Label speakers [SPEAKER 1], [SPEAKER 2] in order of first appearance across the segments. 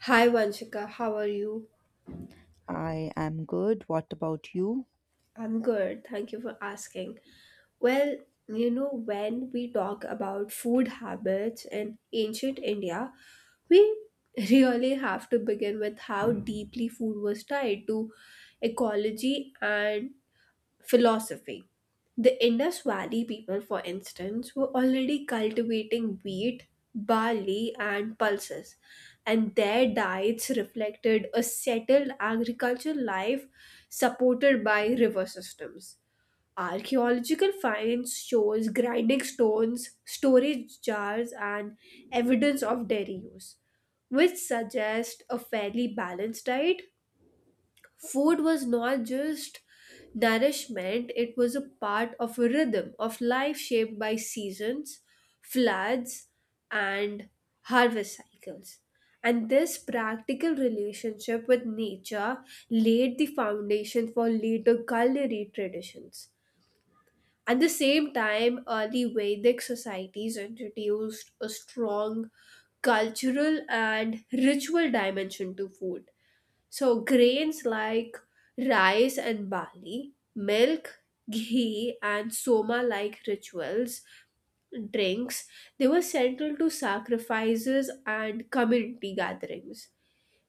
[SPEAKER 1] Hi Vanshika, how are you?
[SPEAKER 2] I am good. What about you?
[SPEAKER 1] I'm good. Thank you for asking. Well, you know, when we talk about food habits in ancient India, we really have to begin with how deeply food was tied to ecology and philosophy. The Indus Valley people, for instance, were already cultivating wheat, barley, and pulses, and their diets reflected a settled agricultural life supported by river systems. Archaeological finds shows grinding stones, storage jars, and evidence of dairy use, which suggest a fairly balanced diet. Food was not just nourishment, it was a part of a rhythm of life shaped by seasons, floods, and harvest cycles, and this practical relationship with nature laid the foundation for later culinary traditions. At the same time, early vedic societies introduced a strong cultural and ritual dimension to food. So, grains like rice and barley, milk, ghee, and soma like rituals, drinks, they were central to sacrifices and community gatherings.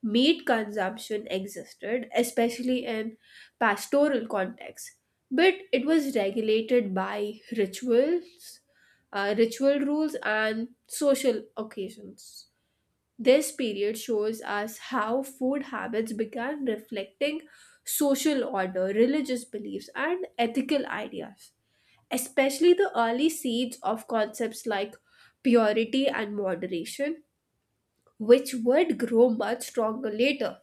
[SPEAKER 1] Meat consumption existed, especially in pastoral contexts, but it was regulated by rituals, ritual rules, and social occasions. This period shows us how food habits began reflecting social order, religious beliefs, and ethical ideas, especially the early seeds of concepts like purity and moderation, which would grow much stronger later.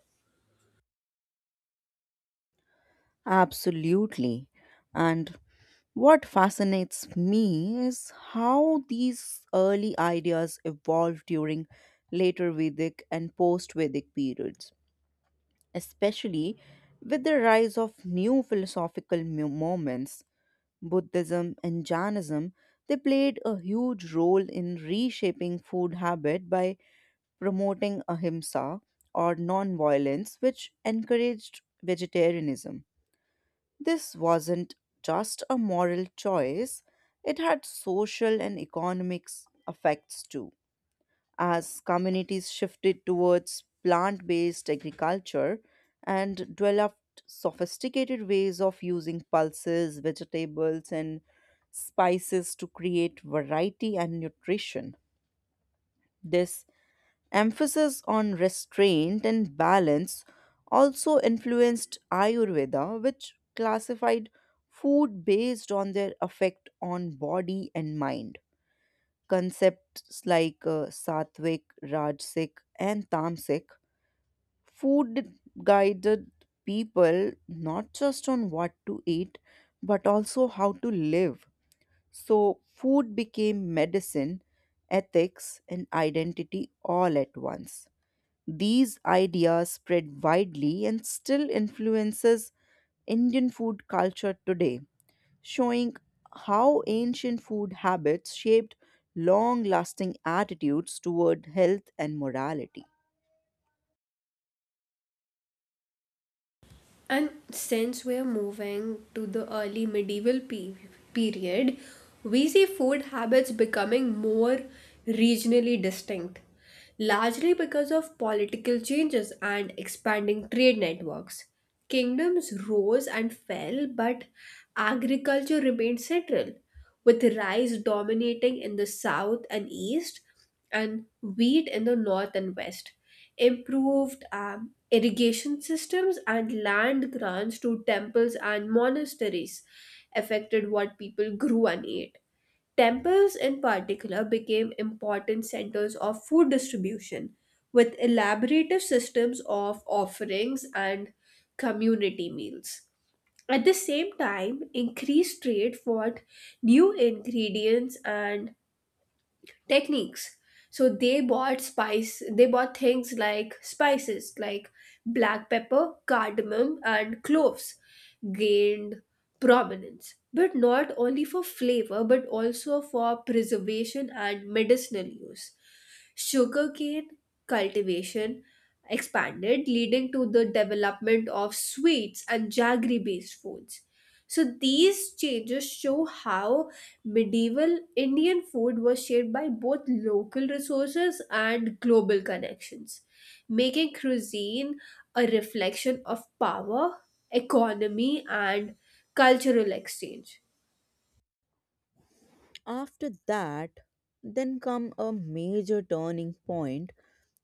[SPEAKER 2] Absolutely. And what fascinates me is how these early ideas evolved during later Vedic and post Vedic periods, especially with the rise of new philosophical movements. Buddhism and Jainism, they played a huge role in reshaping food habit by promoting ahimsa or non-violence, which encouraged vegetarianism. This wasn't just a moral choice, it had social and economic effects too. As communities shifted towards plant based agriculture and developed sophisticated ways of using pulses, vegetables, and spices to create variety and nutrition, this emphasis on restraint and balance also influenced Ayurveda, which classified food based on their effect on body and mind. Concepts like sattvic, rajasic, and tamasic food guided people not just on what to eat but also how to live. So, food became medicine, ethics, and identity all at once. These ideas spread widely and still influences Indian food culture today, showing how ancient food habits shaped long-lasting attitudes toward health and morality.
[SPEAKER 1] And since we're moving to the early medieval period, we see food habits becoming more regionally distinct, largely because of political changes and expanding trade networks. Kingdoms rose and fell, but agriculture remained central, with rice dominating in the south and east and wheat in the north and west. Improved irrigation systems and land grants to temples and monasteries affected what people grew and ate. Temples, in particular, became important centers of food distribution with elaborative systems of offerings and community meals. At the same time, increased trade for new ingredients and techniques. So, they bought things like spices like black pepper, cardamom and cloves gained prominence. But not only for flavor but also for preservation and medicinal use. Sugarcane cultivation expanded, leading to the development of sweets and jaggery based foods. So, these changes show how medieval Indian food was shaped by both local resources and global connections, making cuisine a reflection of power, economy, and cultural exchange.
[SPEAKER 2] After that, then come a major turning point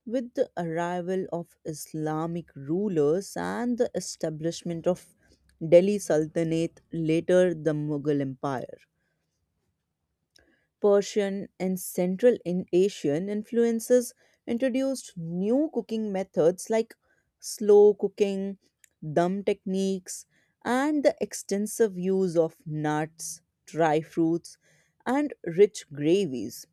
[SPEAKER 2] with the arrival of Islamic rulers and the establishment of Delhi Sultanate, later the Mughal Empire. Persian and Central Asian influences introduced new cooking methods like slow cooking, dum techniques, and the extensive use of nuts, dry fruits, and rich gravies.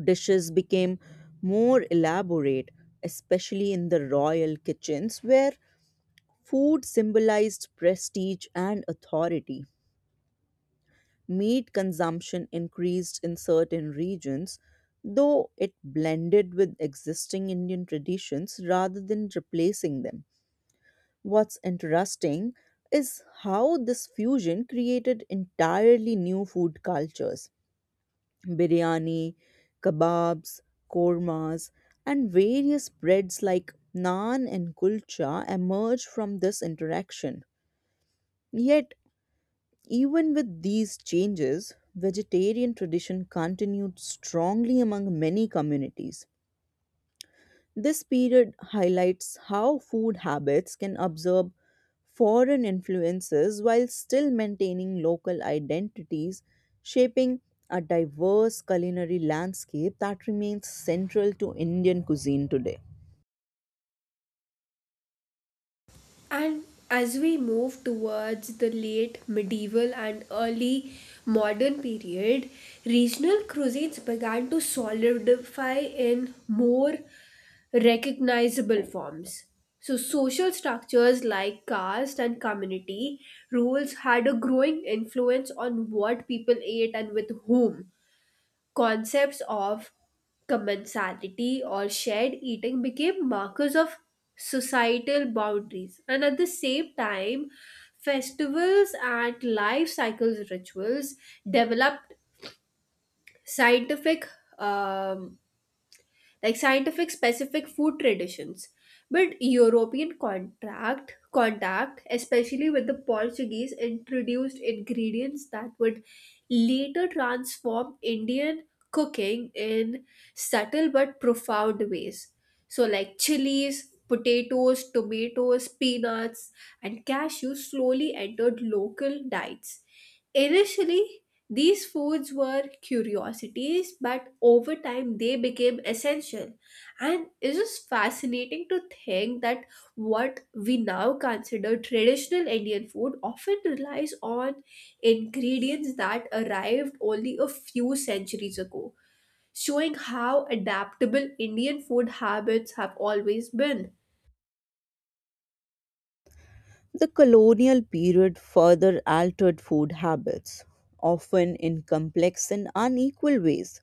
[SPEAKER 2] Dishes became more elaborate, especially in the royal kitchens, where food symbolized prestige and authority. Meat consumption increased in certain regions, though it blended with existing Indian traditions rather than replacing them. What's interesting is how this fusion created entirely new food cultures: biryani, kebabs, kormas, and various breads like naan and kulcha emerged from this interaction. Yet, even with these changes, vegetarian tradition continued strongly among many communities. This period highlights how food habits can absorb foreign influences while still maintaining local identities, shaping a diverse culinary landscape that remains central to Indian cuisine today.
[SPEAKER 1] And as we move towards the late medieval and early modern period, regional cuisines began to solidify in more recognizable forms. So, social structures like caste and community rules had a growing influence on what people ate and with whom. Concepts of commensality or shared eating became markers of societal boundaries. And at the same time, festivals and life cycles rituals developed scientific um, like scientific specific food traditions. But European contract contact, especially with the Portuguese, introduced ingredients that would later transform Indian cooking in subtle but profound ways. So, like chilies, potatoes, tomatoes, peanuts, and cashews slowly entered local diets. Initially, these foods were curiosities, but over time they became essential. And it's just fascinating to think that what we now consider traditional Indian food often relies on ingredients that arrived only a few centuries ago, showing how adaptable Indian food habits have always been.
[SPEAKER 2] The colonial period further altered food habits, often in complex and unequal ways.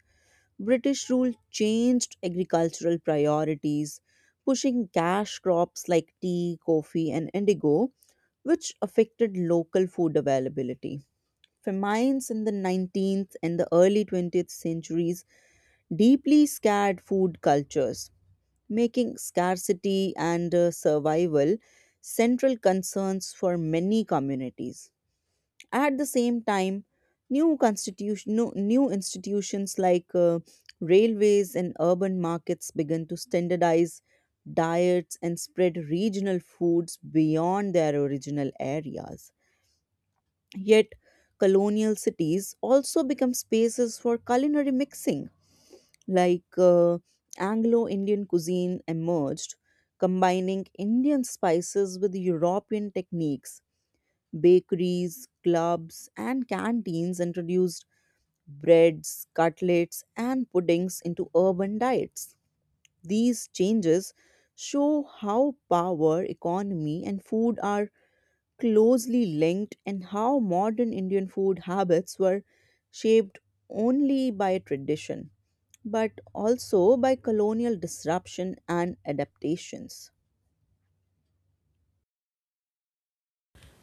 [SPEAKER 2] British rule changed agricultural priorities, pushing cash crops like tea, coffee, and indigo, which affected local food availability. Famines in the 19th and the early 20th centuries deeply scarred food cultures, making scarcity and survival central concerns for many communities. At the same time, new constitution, no- new institutions like railways and urban markets began to standardize diets and spread regional foods beyond their original areas. Yet, colonial cities also become spaces for culinary mixing, like Anglo Indian cuisine emerged, combining Indian spices with European techniques. Bakeries, clubs, and canteens introduced breads, cutlets, and puddings into urban diets. These changes show how power, economy, and food are closely linked and how modern Indian food habits were shaped only by tradition but also by colonial disruption and adaptations.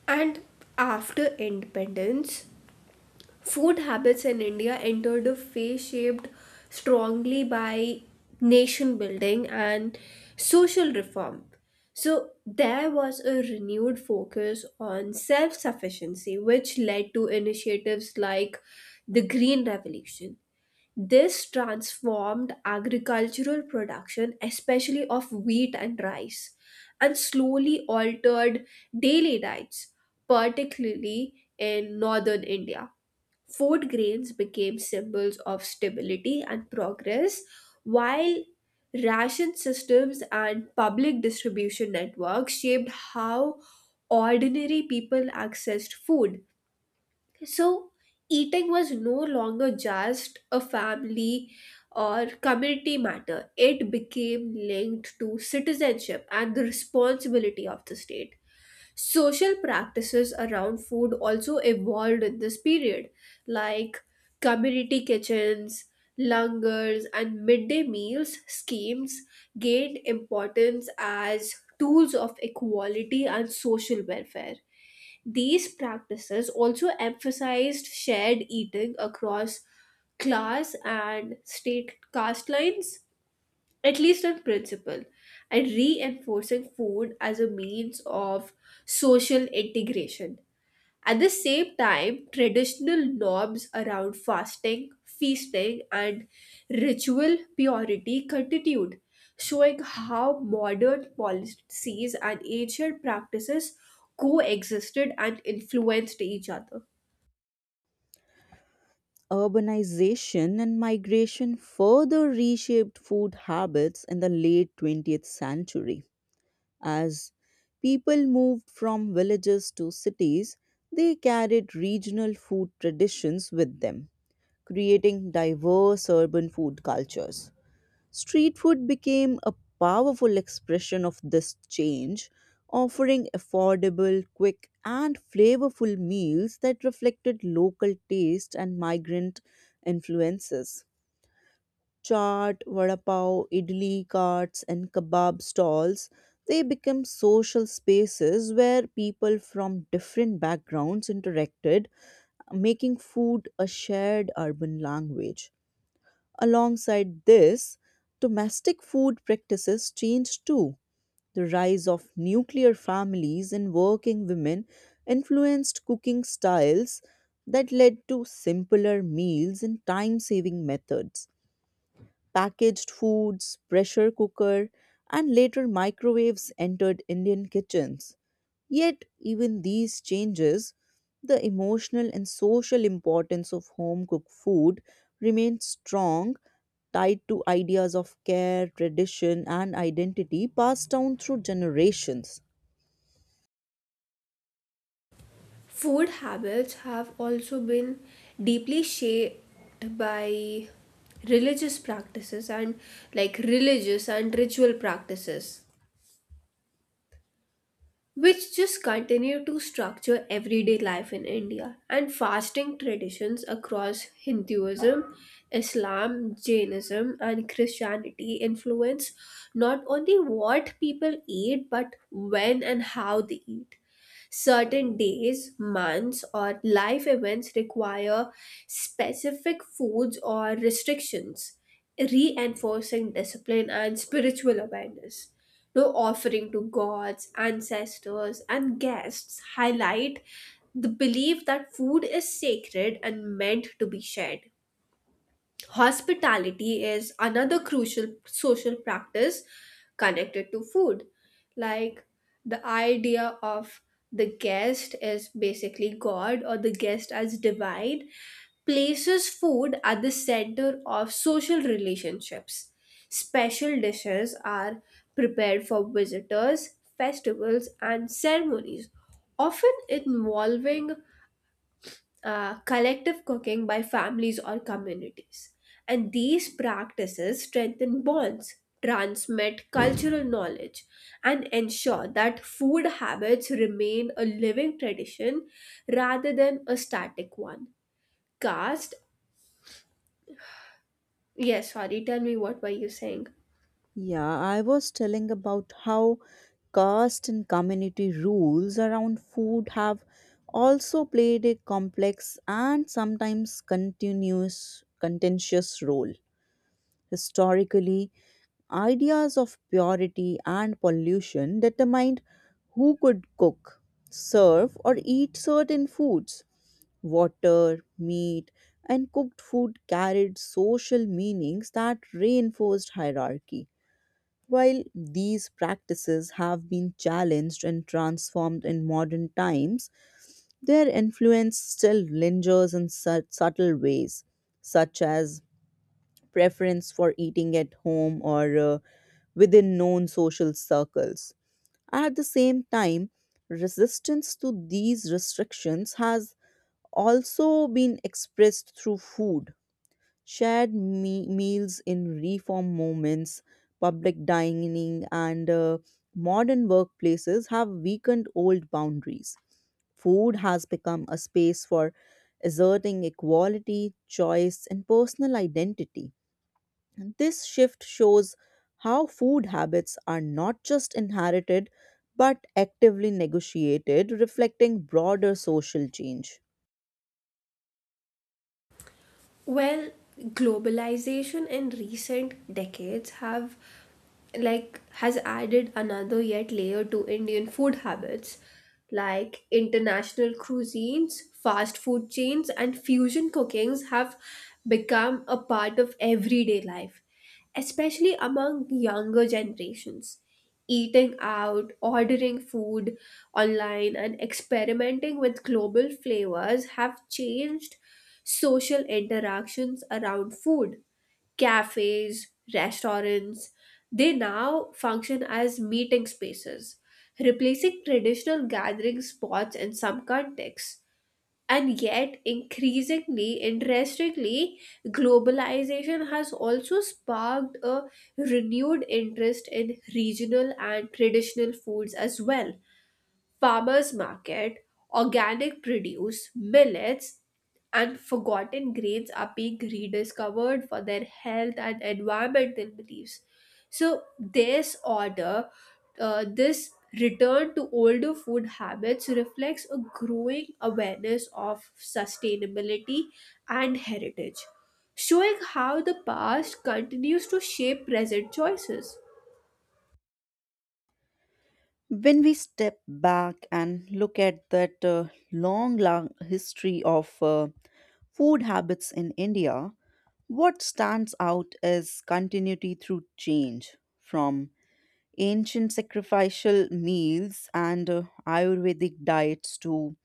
[SPEAKER 1] And after independence, food habits in India entered a phase shaped strongly by nation building and social reform. So, there was a renewed focus on self sufficiency, which led to initiatives like the Green Revolution. This transformed agricultural production, especially of wheat and rice, and slowly altered daily diets, particularly in northern India. Food grains became symbols of stability and progress, while ration systems and public distribution networks shaped how ordinary people accessed food. So, eating was no longer just a family or community matter, it became linked to citizenship and the responsibility of the state. Social practices around food also evolved in this period, like community kitchens, langars, and midday meals schemes gained importance as tools of equality and social welfare. These practices also emphasized shared eating across class and state caste lines, at least on principle, and reinforcing food as a means of social integration. At the same time, traditional norms around fasting, feasting, and ritual purity continued, showing how modern policies and ancient practices coexisted and influenced each other.
[SPEAKER 2] Urbanization and migration further reshaped food habits in the late 20th century. As people moved from villages to cities, they carried regional food traditions with them, creating diverse urban food cultures. Street food became a powerful expression of this change, offering affordable, quick, and flavorful meals that reflected local taste and migrant influences. Chaat, vada pav, idli carts, and kebab stalls, they became social spaces where people from different backgrounds interacted, making food a shared urban language. Alongside this, domestic food practices changed too. The rise of nuclear families and working women influenced cooking styles that led to simpler meals and time saving methods. Packaged foods, pressure cooker, and later microwaves entered Indian kitchens. Yet, even these changes, the emotional and social importance of home cooked food remained strong, tied to ideas of care, tradition, and identity passed down through generations.
[SPEAKER 1] Food habits have also been deeply shaped by religious practices and like religious and ritual practices which just continue to structure everyday life in India, and fasting traditions across Hinduism, Islam, Jainism and Christianity influence not only what people eat but when and how they eat. Certain days, months, or life events require specific foods or restrictions, reinforcing discipline and spiritual awareness. No offering to gods, ancestors, and guests highlight the belief that food is sacred and meant to be shared. Hospitality is another crucial social practice connected to food. Like the idea of the guest is basically God, or the guest as divine, places food at the center of social relationships. Special dishes are prepared for visitors, festivals, and ceremonies, often involving collective cooking by families or communities. And these practices strengthen bonds, transmit cultural knowledge, and ensure that food habits remain a living tradition rather than a static one. Caste, yes, sorry, tell me what were you saying?
[SPEAKER 2] Yeah, I was telling about how caste and community rules around food have also played a complex and sometimes continuous contentious role. Historically, ideas of purity and pollution determined who could cook, serve, or eat certain foods. Water, meat, and cooked food carried social meanings that reinforced hierarchy. While these practices have been challenged and transformed in modern times, their influence still lingers in subtle ways, such as preference for eating at home or within known social circles. At the same time, resistance to these restrictions has also been expressed through food, shared meals in reform moments, public dining, and modern workplaces have weakened old boundaries. Food has become a space for asserting equality, choice, and personal identity. And this shift shows how food habits are not just inherited but actively negotiated, reflecting broader social change.
[SPEAKER 1] Well, globalization in recent decades have like has added another yet layer to Indian food habits, like international cuisines, fast food chains and fusion cookings have become a part of everyday life, especially among younger generations. Eating out, ordering food online and experimenting with global flavors have changed social interactions around food. Cafes, restaurants, they now function as meeting spaces, replacing traditional gathering spots in some contexts. And yet, increasingly, interestingly, globalization has also sparked a renewed interest in regional and traditional foods as well. Farmers market, organic produce, millets, and forgotten grains are being rediscovered for their health and environmental beliefs. So, this order, this return to older food habits reflects a growing awareness of sustainability and heritage, showing how the past continues to shape present choices.
[SPEAKER 2] When we step back and look at that long, long history of food habits in India, what stands out is continuity through change, from ancient sacrificial meals and Ayurvedic diets to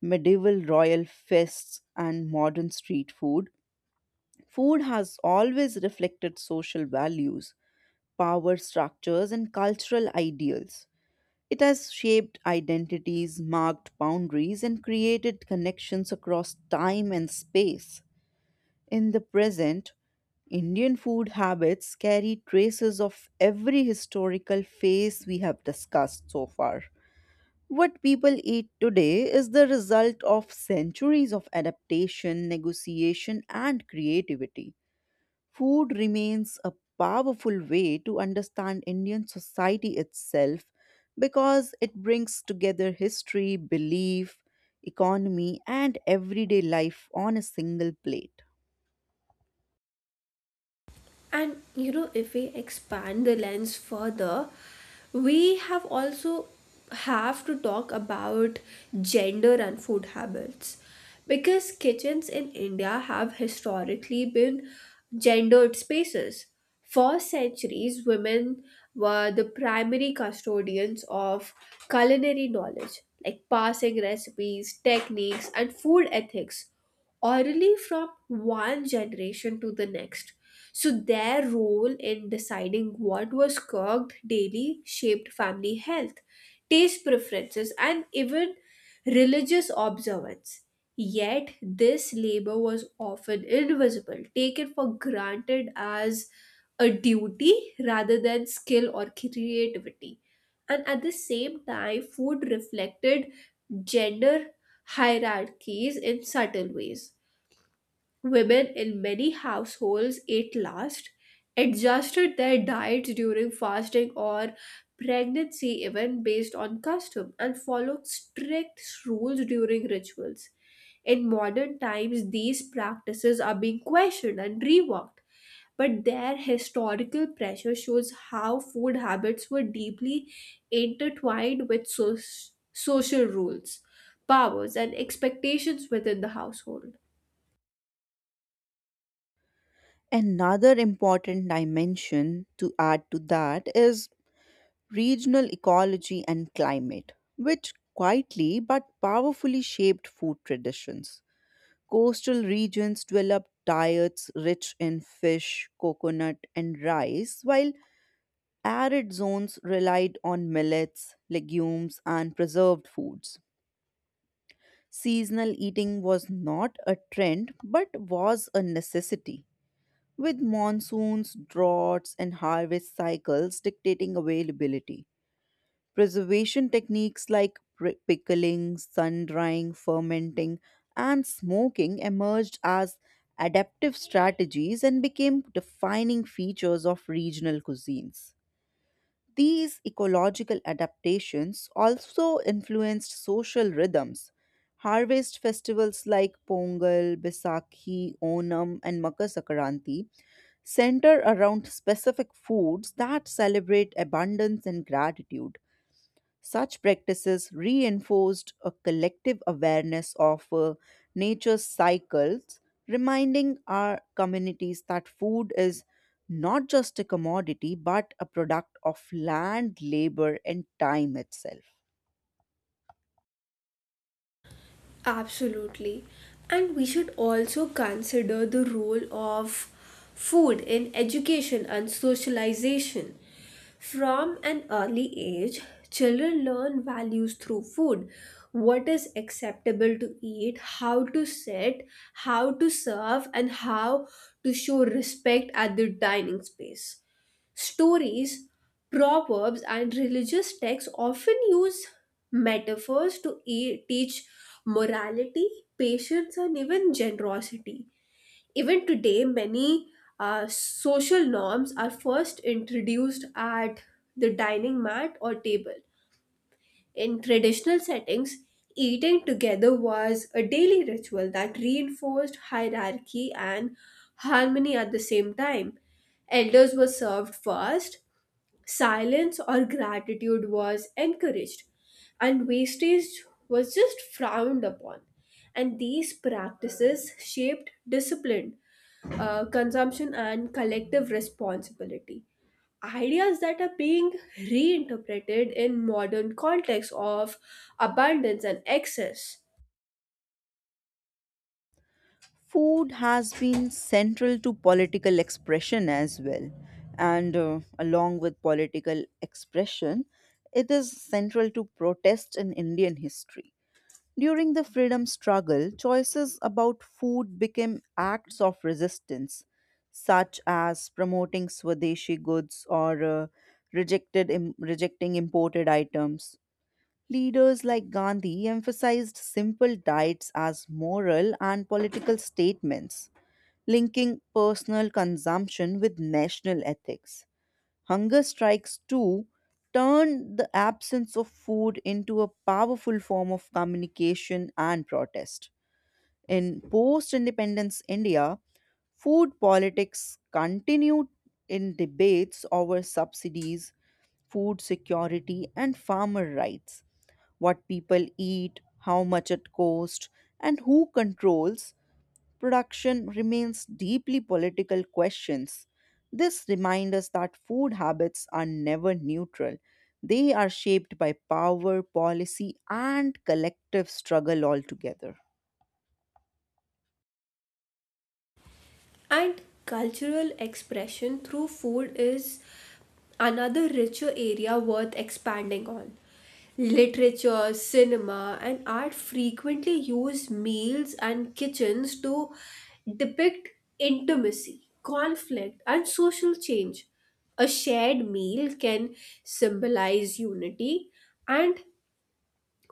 [SPEAKER 2] medieval royal feasts and modern street food. Food has always reflected social values, power structures, and cultural ideals. It has shaped identities, marked boundaries, and created connections across time and space. In the present, Indian food habits carry traces of every historical phase we have discussed so far. What people eat today is the result of centuries of adaptation, negotiation, and creativity. Food remains a powerful way to understand Indian society itself, because it brings together history, belief, economy, and everyday life on a single plate.
[SPEAKER 1] And you know, if we expand the lens further, we have to talk about gender and food habits because kitchens in India have historically been gendered spaces. For centuries, women were the primary custodians of culinary knowledge, like passing recipes, techniques, and food ethics orally from one generation to the next. So, their role in deciding what was cooked daily shaped family health, taste preferences, and even religious observance. Yet, this labor was often invisible, taken for granted as a duty rather than skill or creativity. And at the same time, food reflected gender hierarchies in subtle ways. Women in many households ate last, adjusted their diets during fasting or pregnancy, even based on custom, and followed strict rules during rituals. In modern times, these practices are being questioned and reworked, but their historical pressure shows how food habits were deeply intertwined with social rules, powers, and expectations within the household.
[SPEAKER 2] Another important dimension to add to that is regional ecology and climate, which quietly but powerfully shaped food traditions. Coastal regions develop diets rich in fish, coconut, and rice, while arid zones relied on millets, legumes, and preserved foods. Seasonal eating was not a trend but was a necessity, with monsoons, droughts, and harvest cycles dictating availability. Preservation techniques like pickling, sun drying, fermenting, and smoking emerged as adaptive strategies and became defining features of regional cuisines. These ecological adaptations also influenced social rhythms. Harvest festivals like Pongal, Baisakhi, Onam, and Makar Sakranti center around specific foods that celebrate abundance and gratitude. Such practices reinforced a collective awareness of nature's cycles, reminding our communities that food is not just a commodity but a product of land, labor, and time itself.
[SPEAKER 1] Absolutely. And we should also consider the role of food in education and socialization. From an early age, children learn values through food, what is acceptable to eat, how to sit, how to serve, and how to show respect at the dining space. Stories, proverbs, and religious texts often use metaphors to teach morality, patience, and even generosity. Even today, many social norms are first introduced at the dining mat or table. In traditional settings, eating together was a daily ritual that reinforced hierarchy and harmony at the same time. Elders were served first. Silence or gratitude was encouraged, and wastage was just frowned upon. And these practices shaped discipline, consumption, and collective responsibility. Ideas that are being reinterpreted in modern context of abundance and excess.
[SPEAKER 2] Food has been central to political expression as well. And along with political expression, it is central to protest in Indian history. During the freedom struggle, choices about food became acts of resistance, such as promoting Swadeshi goods or rejecting imported items. Leaders like Gandhi emphasized simple diets as moral and political statements, linking personal consumption with national ethics. Hunger strikes, too, turned the absence of food into a powerful form of communication and protest. In post independence India, food politics continued in debates over subsidies, food security, and farmer rights: what people eat, how much it costs, and who controls production remains deeply political questions. This reminds us that food habits are never neutral. They are shaped by power, policy, and collective struggle altogether.
[SPEAKER 1] And cultural expression through food is another richer area worth expanding on. Literature, cinema, and art frequently use meals and kitchens to depict intimacy, conflict, and social change. A shared meal can symbolize unity, and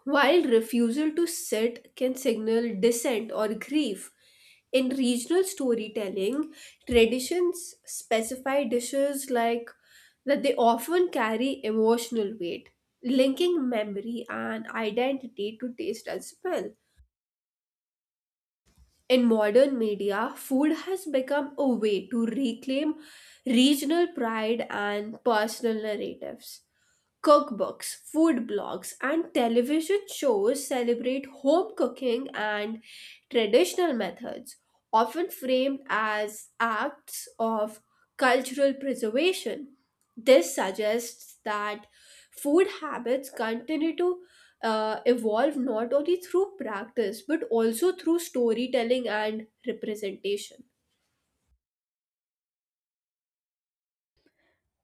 [SPEAKER 1] while refusal to sit can signal dissent or grief, in regional storytelling, traditions specify dishes like that they often carry emotional weight, linking memory and identity to taste as well. In modern media, food has become a way to reclaim regional pride and personal narratives. Cookbooks, food blogs, and television shows celebrate home cooking and traditional methods, often framed as acts of cultural preservation. This suggests that food habits continue to evolve not only through practice but also through storytelling and representation.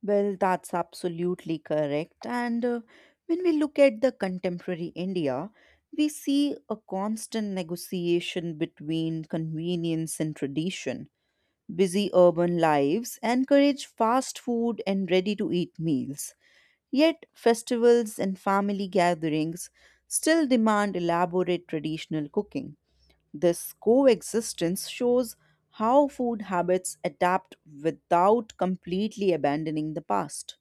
[SPEAKER 2] Well, that's absolutely correct. And when we look at the contemporary India, we see a constant negotiation between convenience and tradition. Busy urban lives encourage fast food and ready to eat meals. Yet, festivals and family gatherings still demand elaborate traditional cooking. This coexistence shows how food habits adapt without completely abandoning the past.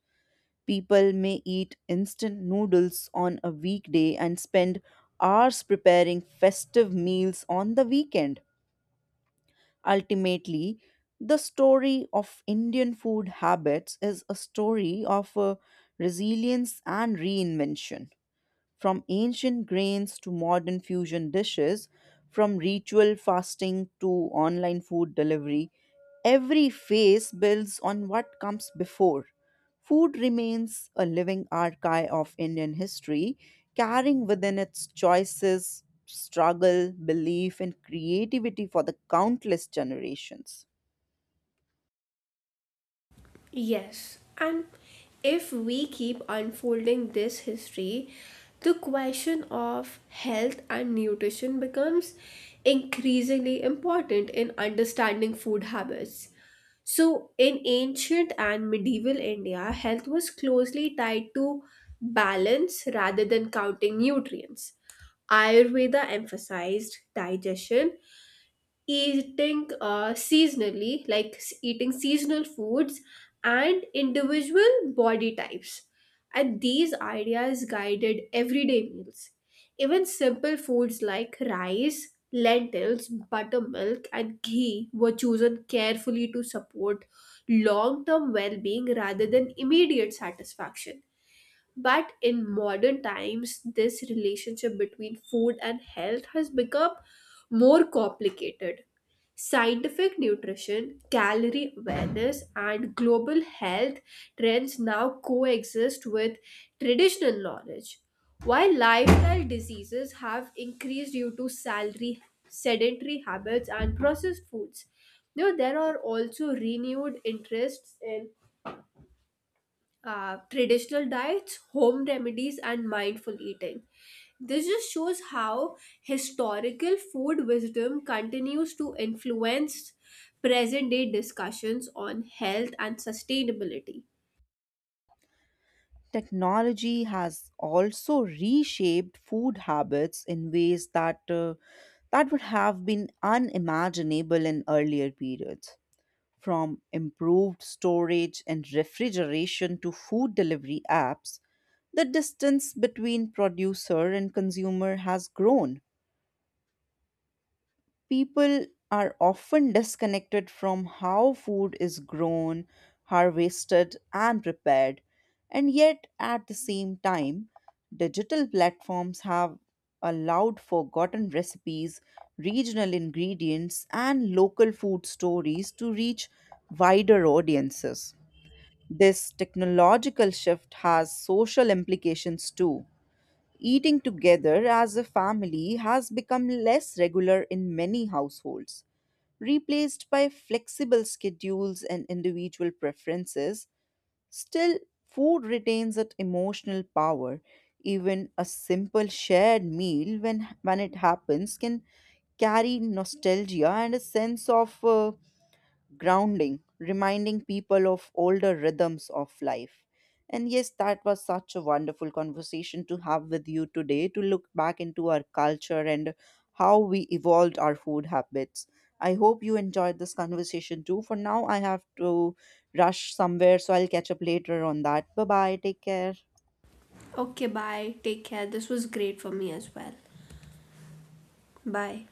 [SPEAKER 2] People may eat instant noodles on a weekday and spend hours preparing festive meals on the weekend. Ultimately, the story of Indian food habits is a story of resilience and reinvention. From ancient grains to modern fusion dishes, from ritual fasting to online food delivery, every phase builds on what comes before. Food remains a living archive of Indian history, carrying within its choices, struggle, belief, and creativity for the countless generations.
[SPEAKER 1] Yes, and if we keep unfolding this history, the question of health and nutrition becomes increasingly important in understanding food habits. So, in ancient and medieval India, health was closely tied to balance rather than counting nutrients. Ayurveda emphasized digestion, eating seasonally, eating seasonal foods, and individual body types. And these ideas guided everyday meals. Even simple foods like rice, lentils, buttermilk, and ghee were chosen carefully to support long term well being rather than immediate satisfaction. But in modern times, this relationship between food and health has become more complicated. Scientific nutrition, calorie awareness, and global health trends now coexist with traditional knowledge. While lifestyle diseases have increased due to salary, sedentary habits, and processed foods, now there are also renewed interests in traditional diets, home remedies, and mindful eating. This just shows how historical food wisdom continues to influence present day discussions on health and sustainability.
[SPEAKER 2] Technology has also reshaped food habits in ways that that would have been unimaginable in earlier periods. From improved storage and refrigeration to food delivery apps, the distance between producer and consumer has grown. People are often disconnected from how food is grown, harvested, and prepared. And yet, at the same time, digital platforms have allowed forgotten recipes, regional ingredients, and local food stories to reach wider audiences. This technological shift has social implications too. Eating together as a family has become less regular in many households, replaced by flexible schedules and individual preferences. Still, food retains its emotional power. Even a simple shared meal, when it happens, can carry nostalgia and a sense of grounding, reminding people of older rhythms of life. And yes, that was such a wonderful conversation to have with you today, to look back into our culture and how we evolved our food habits. I hope you enjoyed this conversation too. For now, I have to rush somewhere, so I'll catch up later on that. Bye bye. Take care.
[SPEAKER 1] Okay, bye. Take care. This was great for me as well. Bye.